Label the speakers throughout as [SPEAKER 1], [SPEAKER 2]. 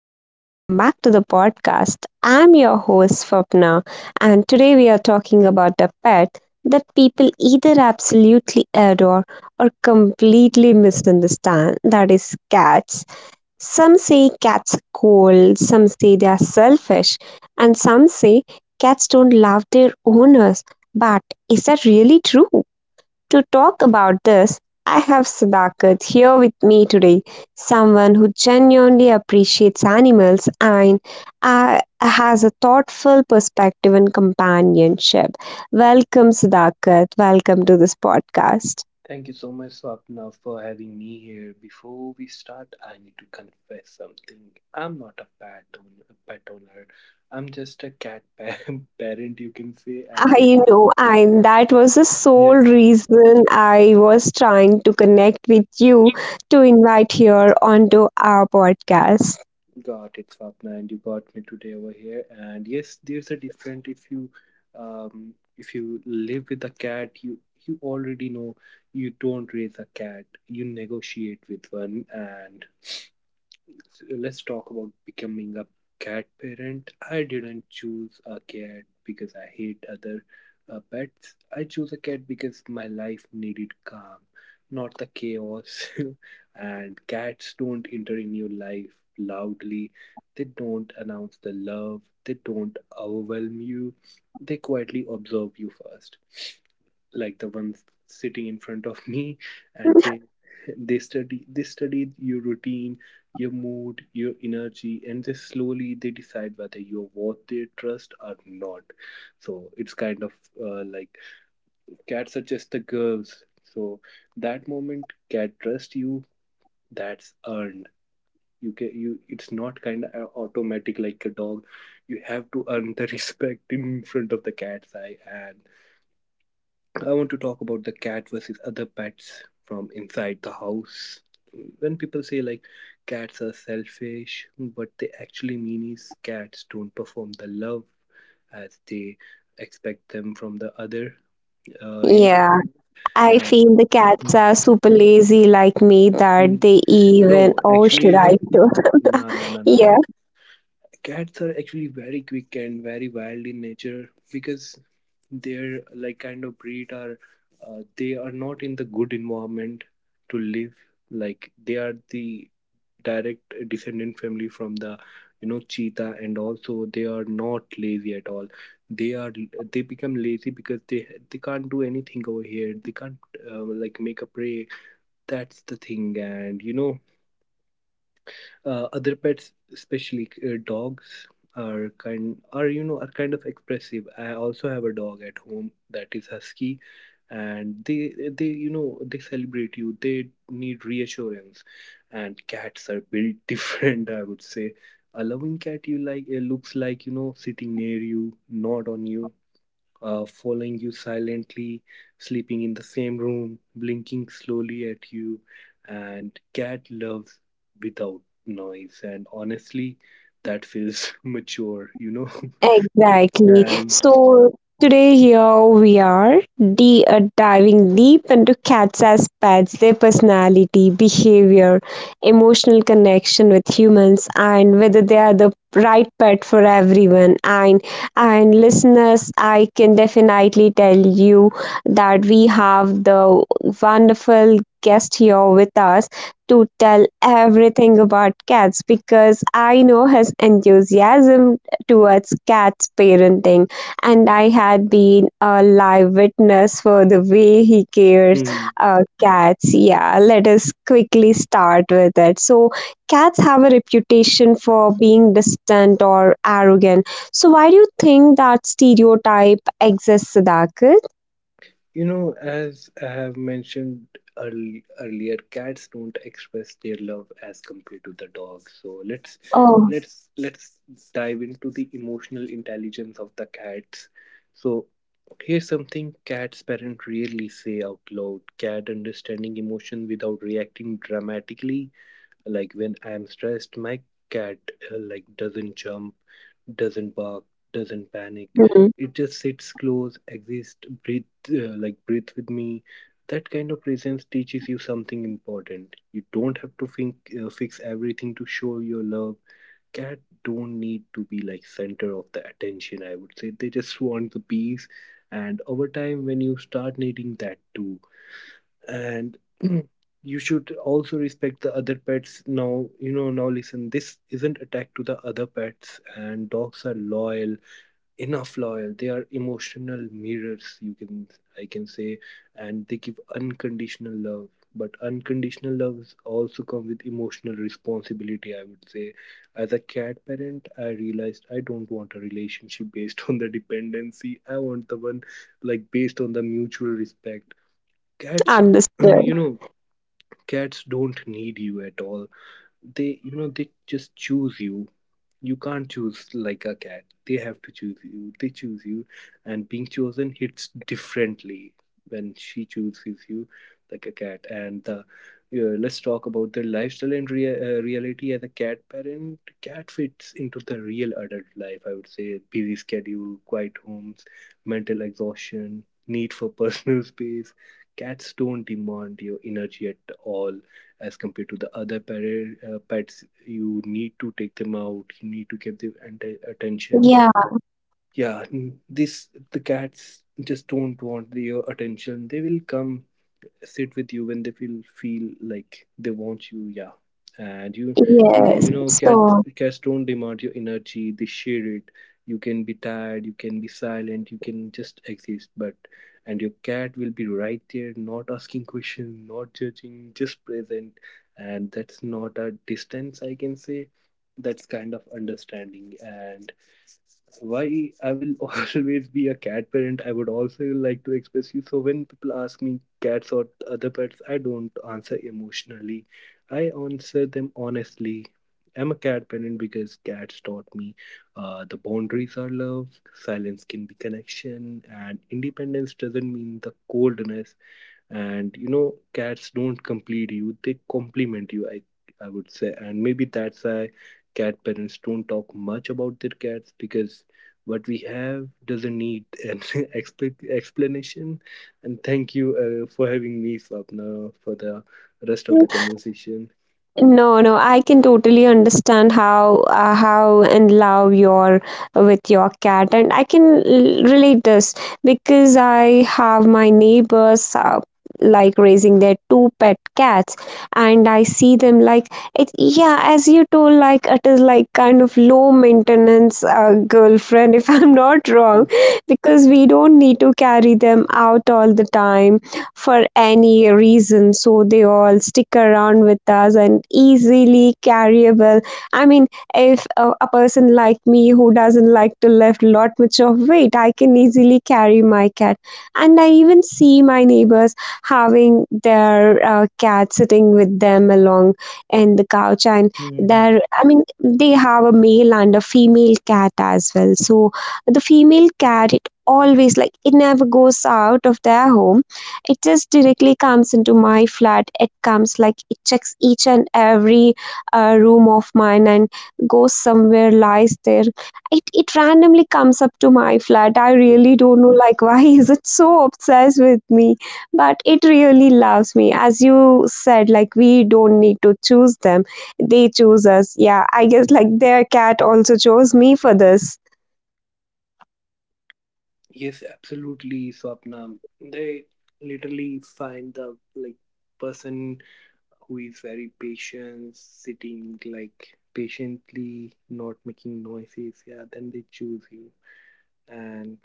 [SPEAKER 1] and welcome back to the podcast. I'm your host, Swapna, and today we are talking about a pet that people either absolutely adore or completely misunderstand, that is, cats. Some say cats are cold, some say they are selfish, and some say cats don't love their owners. But is that really true? To talk about this, I have Sadakat here with me today, someone who genuinely appreciates animals and has a thoughtful perspective on companionship. Welcome, Sadakat. Welcome to this podcast.
[SPEAKER 2] Thank you so much, Swapna, for having me here. Before we start, I need to confess something. I'm not a pet owner. A pet owner. I'm just a cat pa- parent, you can say. And yes,
[SPEAKER 1] I know, and that was the sole
[SPEAKER 2] yeah,
[SPEAKER 1] reason I was trying to connect with you to invite here onto our podcast.
[SPEAKER 2] got it, Swapna, and you got me today over here. And yes, there's a different if you live with a cat, you already know you don't raise a cat. You negotiate with one. And so let's talk about becoming a cat parent. I didn't choose a cat because I hate other pets. I chose a cat because my life needed calm, not the chaos. And cats don't enter in your life loudly. They don't announce the love. They don't overwhelm you. They quietly observe you first, like the ones sitting in front of me, and they studied your routine, your mood, your energy, and just slowly they decide whether you're worth their trust or not. So it's kind of like, cats are just the girls. So that moment cat trust you, that's earned. You it's not kind of automatic like a dog. You have to earn the respect in front of the cat's eye. And I want to talk about the cat versus other pets from inside the house. When people say like cats are selfish, what they actually mean is cats don't perform the love as they expect them from the other, you know.
[SPEAKER 1] Yeah, I
[SPEAKER 2] And
[SPEAKER 1] feel the cats are
[SPEAKER 2] mhm.
[SPEAKER 1] super lazy like me, that
[SPEAKER 2] Mm,
[SPEAKER 1] they even,
[SPEAKER 2] no,
[SPEAKER 1] oh,
[SPEAKER 2] actually,
[SPEAKER 1] should
[SPEAKER 2] you
[SPEAKER 1] I
[SPEAKER 2] know,
[SPEAKER 1] do?
[SPEAKER 2] no, no, no, no,
[SPEAKER 1] Yeah.
[SPEAKER 2] no. Cats are actually very quick and very wild in nature, because their like kind of breed are they are not in the good environment to live. Like they are the direct descendant family from the, you know, cheetah. And also they are not lazy at all. They are, they become lazy because they can't do anything over here. They can't like make a prey, that's the thing. And you know, other pets, especially dogs are kind are, you know, are kind of expressive. I also have a dog at home that is husky, and they you know, they celebrate you, they need reassurance. And cats are built different, I would say. A loving cat, you like it looks like, you know, sitting near you, not on you, following you silently, sleeping in the same room, blinking slowly at you. And cat loves without noise. And honestly, that feels mature, you know?
[SPEAKER 1] Exactly. So today here we are diving deep into cats as pets, their personality, behavior, emotional connection with humans, and whether they are the right pet for everyone. And listeners, I can definitely tell you that we have the wonderful guest here with us to tell everything about cats, because I know his enthusiasm towards cat's parenting, and I had been a live witness for the way he cares
[SPEAKER 2] And
[SPEAKER 1] cats. Yeah, let us quickly start with it. So cats have a reputation for being distant or arrogant, so why do you think that stereotype exists, Sadakit?
[SPEAKER 2] you know, as I have mentioned earlier, cats don't express their love as compared to the dogs. So let's
[SPEAKER 1] Oh.
[SPEAKER 2] let's let's dive into the emotional intelligence of the cats. So here's something cats parents rarely say out loud. Cat understanding emotion without reacting dramatically, like when I'm stressed, my cat like doesn't jump, doesn't bark, doesn't panic.
[SPEAKER 1] Mhm.
[SPEAKER 2] It just sits close, exists, breathe, like breathe with me. That kind of presence teaches you something important. You don't have to think, fix everything to show your love. Cat don't need to be like center of the attention, I would say. They just want the peace. And over time, when you start needing that too. And you should also respect the other pets. Now you know, now listen, this isn't attack to the other pets. And dogs are loyal enough loyal, they are emotional mirrors, you can, I can say. And they give unconditional love, but unconditional loves also come with emotional responsibility, I would say. As a cat parent, I realized I don't want a relationship based on the dependency. I want the one like based on the mutual respect. Cats,
[SPEAKER 1] Understood.
[SPEAKER 2] you know, cats don't need you at all. They, you know, they just choose you. You can't choose like a cat. They have to choose you. They choose you. And being chosen hits differently. When she chooses you like a cat. And the yeah, let's talk about the lifestyle and reality as a cat parent. Cat fits into the real adult life, I would say. Busy schedule, quiet homes, mental exhaustion, need for personal space. Cats don't demand your energy at all as compared to the other pets. You need to take them out, you need to give them attention.
[SPEAKER 1] Yeah.
[SPEAKER 2] Yeah, this the cats just don't want your attention. They will come sit with you when they feel like they want you. Yeah. And you you
[SPEAKER 1] Yes.
[SPEAKER 2] you know, cats
[SPEAKER 1] So
[SPEAKER 2] cats don't demand your energy, they share it. You can be tired, you can be silent, you can just exist. But and your cat will be right there, not asking questions, not judging, just present. And that's not a distance, I can say. That's kind of understanding. And why I will always be a cat parent, I would also like to express you. So when people ask me cats or other pets, I don't answer emotionally. I answer them honestly. I'm a cat parent because cats taught me the boundaries are love, silence can be connection, and independence doesn't mean the coldness. And you know, cats don't complete you, they complement you, I would say. And maybe that's why cat parents don't talk much about their cats, because what we have doesn't need an explanation. And thank you for having me, Swapna, for the rest of the conversation.
[SPEAKER 1] no, no, I can totally understand how in love you're with your cat, and I can relate this because I have my neighbors like raising their two pet cats, and I see them like it. Yeah, as you told, like it is like kind of low maintenance girlfriend, if I'm not wrong, because we don't need to carry them out all the time for any reason, so they all stick around with us and easily carryable. I mean, if a person like me who doesn't like to lift lot much of weight, I can easily carry my cat. And I even see my neighbors having their cat sitting with them along in the couch, and
[SPEAKER 2] Mhm.
[SPEAKER 1] there, I mean, they have a male and a female cat as well. So the female cat, it always like it never goes out of their home, it just directly comes into my flat. It comes like it checks each and every room of mine and goes somewhere, lies there. It randomly comes up to my flat. I
[SPEAKER 2] Mm.
[SPEAKER 1] really don't know like why is it so obsessed with me, but it really loves me. As you said, like we don't need to choose them. They choose us. Yeah, I guess like their cat also chose me for this.
[SPEAKER 2] Yes, absolutely, Swapna. They literally find the like person who is very patient, sitting like patiently, not making noises, yeah, then they choose you. And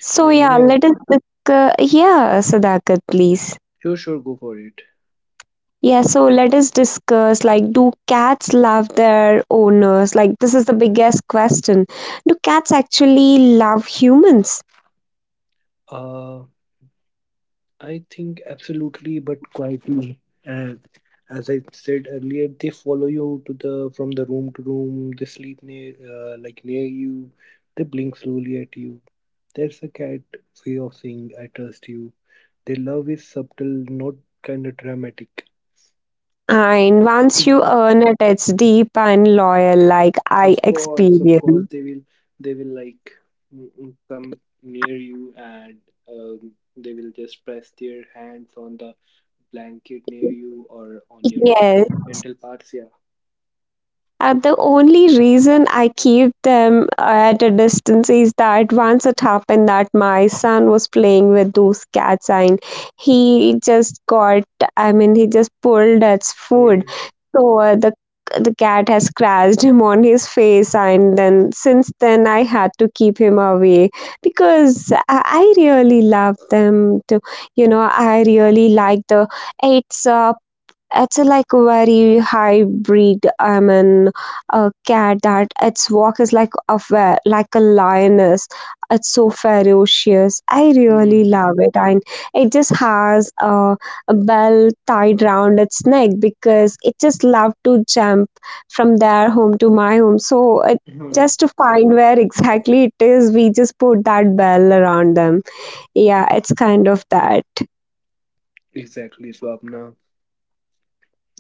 [SPEAKER 1] So
[SPEAKER 2] you
[SPEAKER 1] yeah,
[SPEAKER 2] know,
[SPEAKER 1] let us discuss. Yeah, Sadakat, please.
[SPEAKER 2] sure, sure, go for it.
[SPEAKER 1] Yeah, so let us discuss, like, do cats love their owners? Like, this is the biggest question. Do cats actually love humans?
[SPEAKER 2] Uh, I think absolutely, but quietly. And as I said earlier, they follow you to the from the room to room. They sleep near, like near you. They blink slowly at you. That's a cat way of saying I trust you. Their love is subtle, not kind of dramatic.
[SPEAKER 1] And once you earn it, it's deep and loyal, like I
[SPEAKER 2] Of course,
[SPEAKER 1] experience.
[SPEAKER 2] they will, they will like, come near you. And they will just press their hands on the blanket near you or on your
[SPEAKER 1] Yes.
[SPEAKER 2] genital parts. Yeah.
[SPEAKER 1] The only reason I keep them at a distance is that once it happened that my son was playing with those cats and he just got, I mean, he just pulled its food
[SPEAKER 2] Mhm.
[SPEAKER 1] over the— the cat has scratched him on his face, and then since then I had to keep him away, because I really love them to, you know, I really like the— it's a— like very high breed. I mean, a cat that its walk is like a like a lioness. It's so ferocious. I really
[SPEAKER 2] Mhm.
[SPEAKER 1] love it. And it just has a bell tied round its neck because it just love to jump from their home to my home. So it,
[SPEAKER 2] Mhm.
[SPEAKER 1] just to find where exactly it is, we just put that bell around them. Yeah, it's kind of that.
[SPEAKER 2] Exactly, Swapna.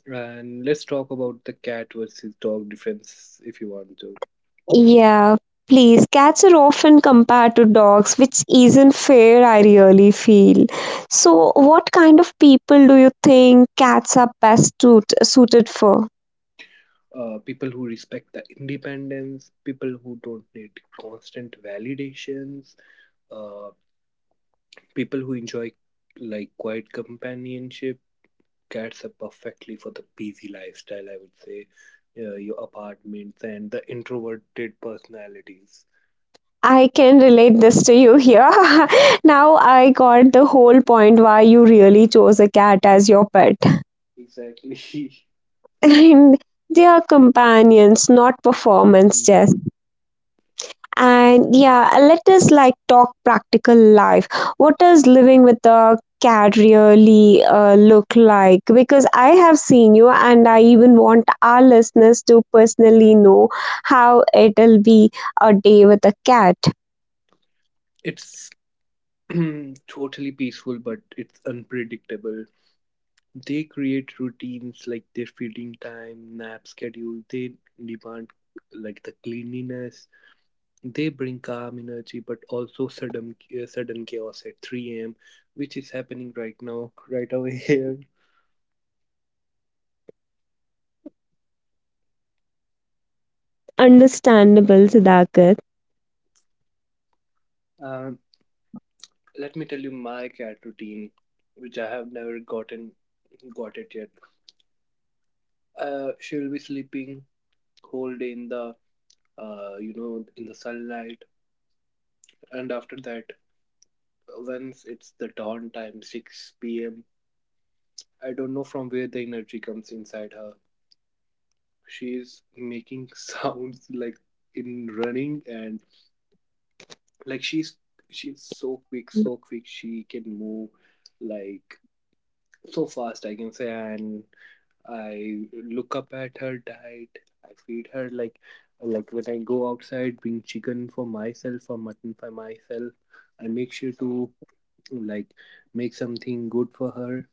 [SPEAKER 2] And let's talk about the cat versus dog difference, if you want to.
[SPEAKER 1] Yeah, please. Cats are often compared to dogs, which isn't fair, I really feel. So what kind of people do you think cats are best suited for?
[SPEAKER 2] People who respect the independence, people who don't need constant validations, uh. People who enjoy like quiet companionship. Cats are perfectly for the busy lifestyle, I would say. Your apartments and the introverted personalities.
[SPEAKER 1] I can relate this to you here. Now I got the whole point why you really chose a cat as your pet.
[SPEAKER 2] Exactly.
[SPEAKER 1] And they are companions, not performance
[SPEAKER 2] Hmm.
[SPEAKER 1] chess. And yeah, let us like talk practical life. What does living with a cat really look like? Because I have seen you, and I even want our listeners to personally know how it'll be a day with a cat.
[SPEAKER 2] It's totally peaceful, but it's unpredictable. They create routines like their feeding time, nap schedule. They demand like the cleanliness. They bring calm energy, but also sudden chaos at 3 a.m., which is happening right now, right over here.
[SPEAKER 1] Understandable, Sudhakar.
[SPEAKER 2] Um, Let me tell you my cat routine, which I have never got it yet. She will be sleeping whole day in the, you know, in the sunlight. And after that, once it's the dawn time, 6 p.m., I don't know from where the energy comes inside her. She is making sounds like in running. And like she's so quick she can move like so fast, I can say. And I look up at her diet, I feed her like when I go outside bring chicken for myself or mutton for myself, I make sure to like make something good for her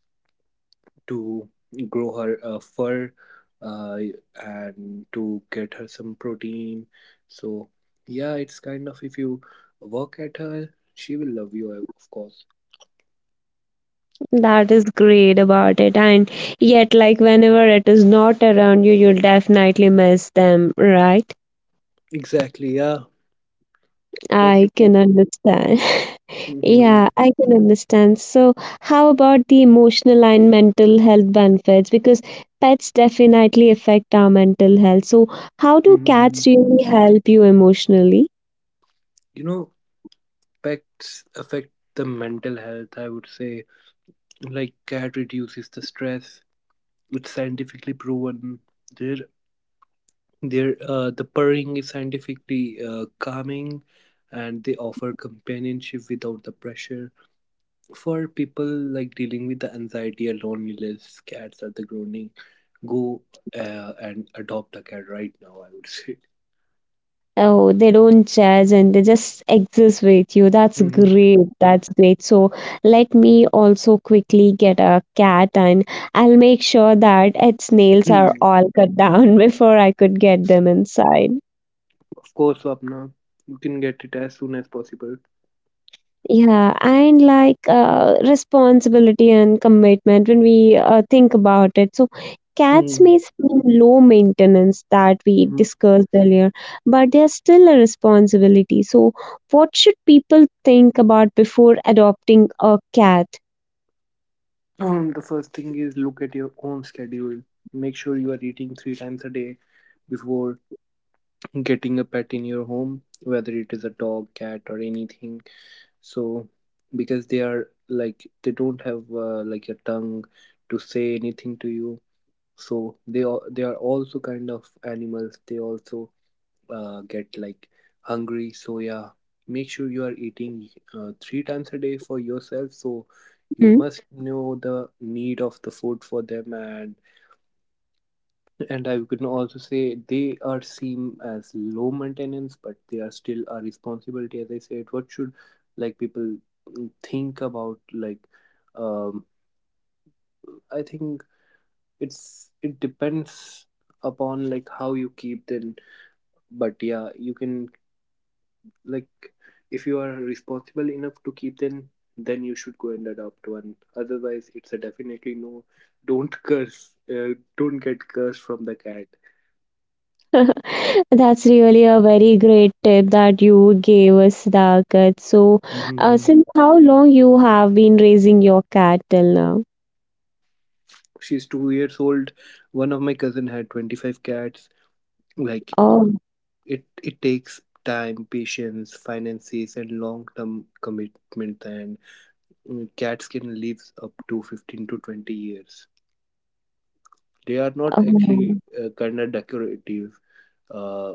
[SPEAKER 2] to grow her fur, uh, and to get her some protein. So yeah, it's kind of, if you work at her, she will love you, of course.
[SPEAKER 1] That is great about it. And yet, like, whenever it is not around you, you'll definitely miss them, right?
[SPEAKER 2] Exactly, yeah. That's
[SPEAKER 1] I
[SPEAKER 2] the- kind-
[SPEAKER 1] can understand.
[SPEAKER 2] Mhm,
[SPEAKER 1] Yeah, I can understand. So how about the emotional and mental health benefits? Because pets definitely affect our mental health. So how do
[SPEAKER 2] mhm.
[SPEAKER 1] cats really help you emotionally?
[SPEAKER 2] You know, pets affect the mental health, I would say. Like, cat reduces the stress, it's scientifically proven. Their Their the purring is scientifically calming, and they offer companionship without the pressure. For people like dealing with the anxiety or loneliness, cats are the groaning. Go and adopt a cat right now, I would say.
[SPEAKER 1] Oh, they don't judge and they just exist with you. That's
[SPEAKER 2] Mhm.
[SPEAKER 1] great. That's great. So let me also quickly get a cat, and I'll make sure that its nails are
[SPEAKER 2] Mm.
[SPEAKER 1] all cut down before I could get them inside.
[SPEAKER 2] Of course, Swapna, you can get it as soon as possible.
[SPEAKER 1] Yeah, and like responsibility and commitment when we think about it. So cats may
[SPEAKER 2] Mm.
[SPEAKER 1] seem low maintenance, that we
[SPEAKER 2] Mhm.
[SPEAKER 1] discussed earlier, but they are still a responsibility. So what should people think about before adopting a cat?
[SPEAKER 2] The first thing is look at your own schedule. Make sure you are eating three times a day before getting a pet in your home, whether it is a dog, cat, or anything. So because they are like, they don't have like a tongue to say anything to you. So they are also kind of animals. They also get like hungry. So yeah, make sure you are eating three times a day for yourself, so you must know the need of the food for them. And I could also say they are seen as low maintenance, but they are still a responsibility. As I said, what should like people think about? Like, um, I think it's it depends upon like how you keep them. But yeah, you can, like, if you are responsible enough to keep them, then you should go and adopt one. Otherwise, it's a definitely no. Don't curse. Don't get cursed from the cat.
[SPEAKER 1] That's really a very great tip that you gave us, Dakat. So since how long you have been raising your cat till now?
[SPEAKER 2] She's 2 years old. One of my cousin had 25 cats, like
[SPEAKER 1] Oh,
[SPEAKER 2] it takes time, patience, finances and long-term commitment. And cats can live up to 15 to 20 years. They are not actually
[SPEAKER 1] oh,
[SPEAKER 2] kind of decorative. uh,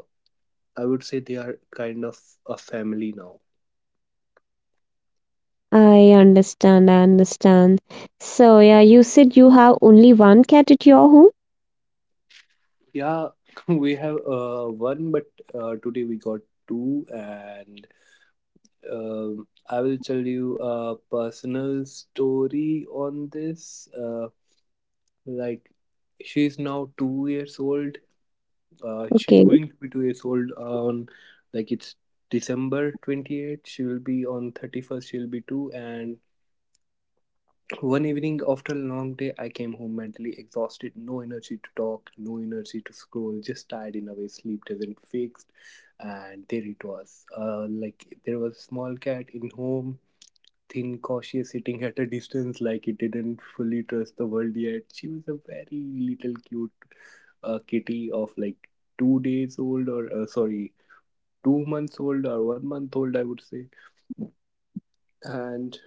[SPEAKER 2] I would say they are kind of a family now.
[SPEAKER 1] I understand. I understand. So yeah, you said you have only one cat at your home.
[SPEAKER 2] Yeah, we have one, but today we got two. And I will tell you a personal story on this. Like, she's now 2 years old. She's
[SPEAKER 1] Okay.
[SPEAKER 2] going to be 2 years old on, like, it's December 28th. She will be on 31st, she'll be two. And one evening after a long day, I came home mentally exhausted, no energy to talk, no energy to scroll, just tired in a way sleep doesn't fix. And there it was. There was a small cat in home, thin, cautious, sitting at a distance like it didn't fully trust the world yet. She was a very little cute kitty of, like, 2 days old, or sorry, 2 months old or 1 month old, I would say. And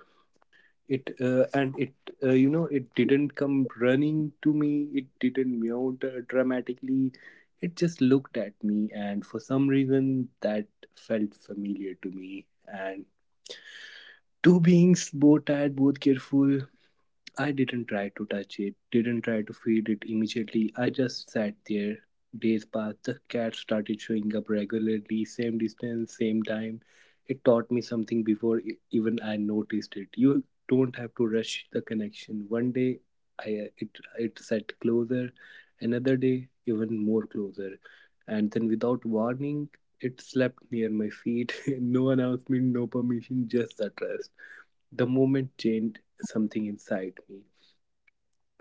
[SPEAKER 2] it, you know, it didn't come running to me. It didn't meow dramatically. It just looked at me, and for some reason that felt familiar to me. And two beings, both tired, both careful, I didn't try to touch it, didn't try to feed it immediately. I just sat there. Days passed, the cat started showing up regularly, same distance, same time. It taught me something before even I noticed it. You don't have to rush the connection. One day I it it sat closer, another day even more closer. And then without warning, it slept near my feet. No announcement, no permission, just the trust. The moment changed something inside me.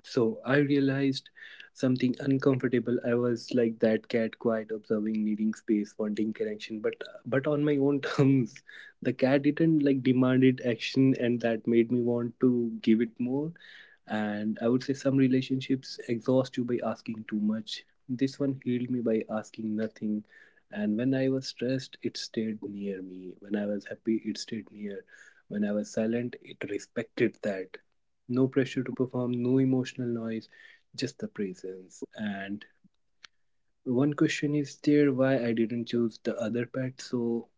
[SPEAKER 2] So I realized something uncomfortable. I was like that cat, quiet, observing, needing space, wanting connection, but on my own terms. The cat didn't like demanded action, and that made me want to give it more. And I would say some relationships exhaust you by asking too much. This one healed me by asking nothing. And when I was stressed, it stayed near me. When I was happy, it stayed near. When I was silent, it respected that. No pressure to perform, no emotional noise, just the presence. And one question is there, why I didn't choose the other pet. So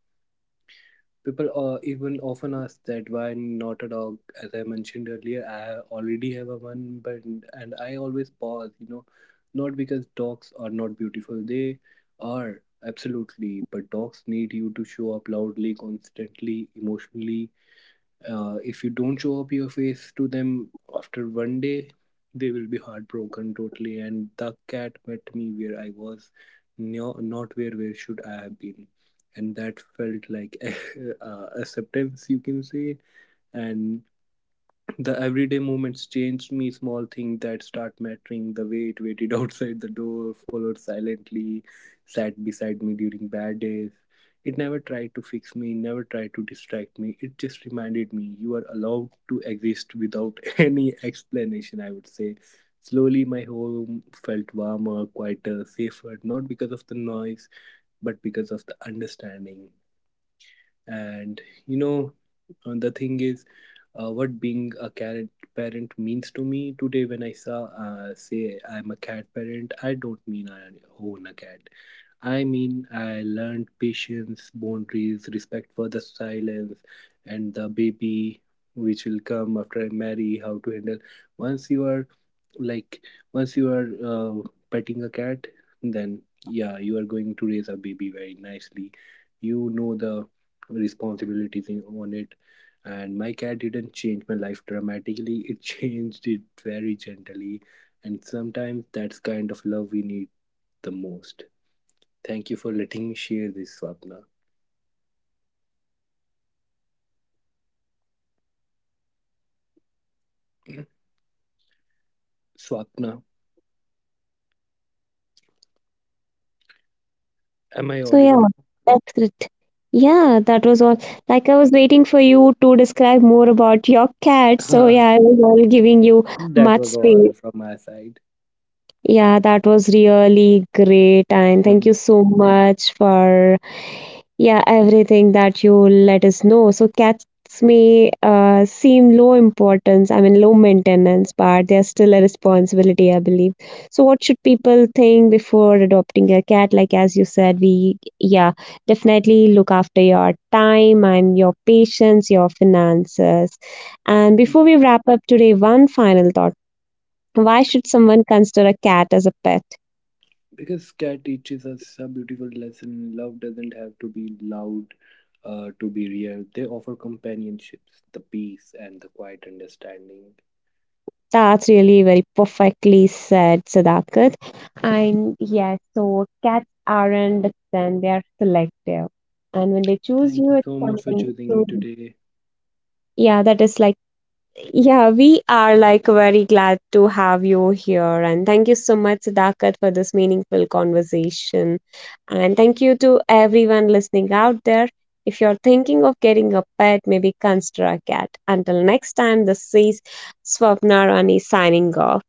[SPEAKER 2] people even often ask that why not a dog. As I mentioned earlier, I already have a one, but and I always pause. You know, not because dogs are not beautiful, they are, absolutely, but dogs need you to show up loudly, constantly, emotionally. If you don't show up your face to them after 1 day, they will be heartbroken totally. And the cat met me where I was, no, not where should I have been. And that felt like acceptance, you can say. And the everyday moments changed me, small things that start mattering. The way it waited outside the door, followed silently, sat beside me during bad days. It never tried to fix me, never tried to distract me. It just reminded me you are allowed to exist without any explanation, I would say. Slowly, my home felt warmer, quieter, safer, not because of the noise, but because of the understanding. And, you know, and the thing is, what being a cat parent means to me today. When I saw, say, I'm a cat parent, I don't mean I own a cat, I mean I learned patience, boundaries, respect for the silence. And the baby, which will come after I marry, how to handle. Once you are, like, once you are, petting a cat, then yeah, you are going to raise a baby very nicely. You know the responsibilities in, on it. And my cat didn't change my life dramatically, it changed it very gently. And sometimes that's kind of love we need the most. Thank you for letting me share this, Swapna. Swapna, am I
[SPEAKER 1] So yeah,
[SPEAKER 2] audible?
[SPEAKER 1] that's it. Yeah, that was all. Like I was waiting for you to describe more about your cat. So yeah, I was all giving you
[SPEAKER 2] That
[SPEAKER 1] much
[SPEAKER 2] was
[SPEAKER 1] space.
[SPEAKER 2] all from my side.
[SPEAKER 1] Yeah, that was really great. And thank you
[SPEAKER 2] Mhm.
[SPEAKER 1] so much for yeah, everything that you let us know. So cats may seem low importance, I mean low maintenance, but they're still a responsibility, I believe. So what should people think before adopting a cat? Like as you said, we, yeah, definitely look after your time and your patience, your finances. And before we wrap up today, one final thought. Why should someone consider a cat as a pet?
[SPEAKER 2] Because cat teaches us a beautiful lesson. Love doesn't have to be loud to be real. They offer companionships, the peace and the quiet understanding.
[SPEAKER 1] That's really very perfectly said, Sadakat. And yes, so cats aren't distant, they are selective. And when they choose
[SPEAKER 2] Thank
[SPEAKER 1] you,
[SPEAKER 2] you
[SPEAKER 1] it's
[SPEAKER 2] so much for
[SPEAKER 1] something
[SPEAKER 2] choosing me
[SPEAKER 1] to.
[SPEAKER 2] today.
[SPEAKER 1] Yeah, that is like, yeah, we are like very glad to have you here. And thank you so much, Sadakat, for this meaningful conversation. And thank you to everyone listening out there. If you're thinking of getting a pet, maybe consider a cat. Until next time, this is Swapna Rani signing off.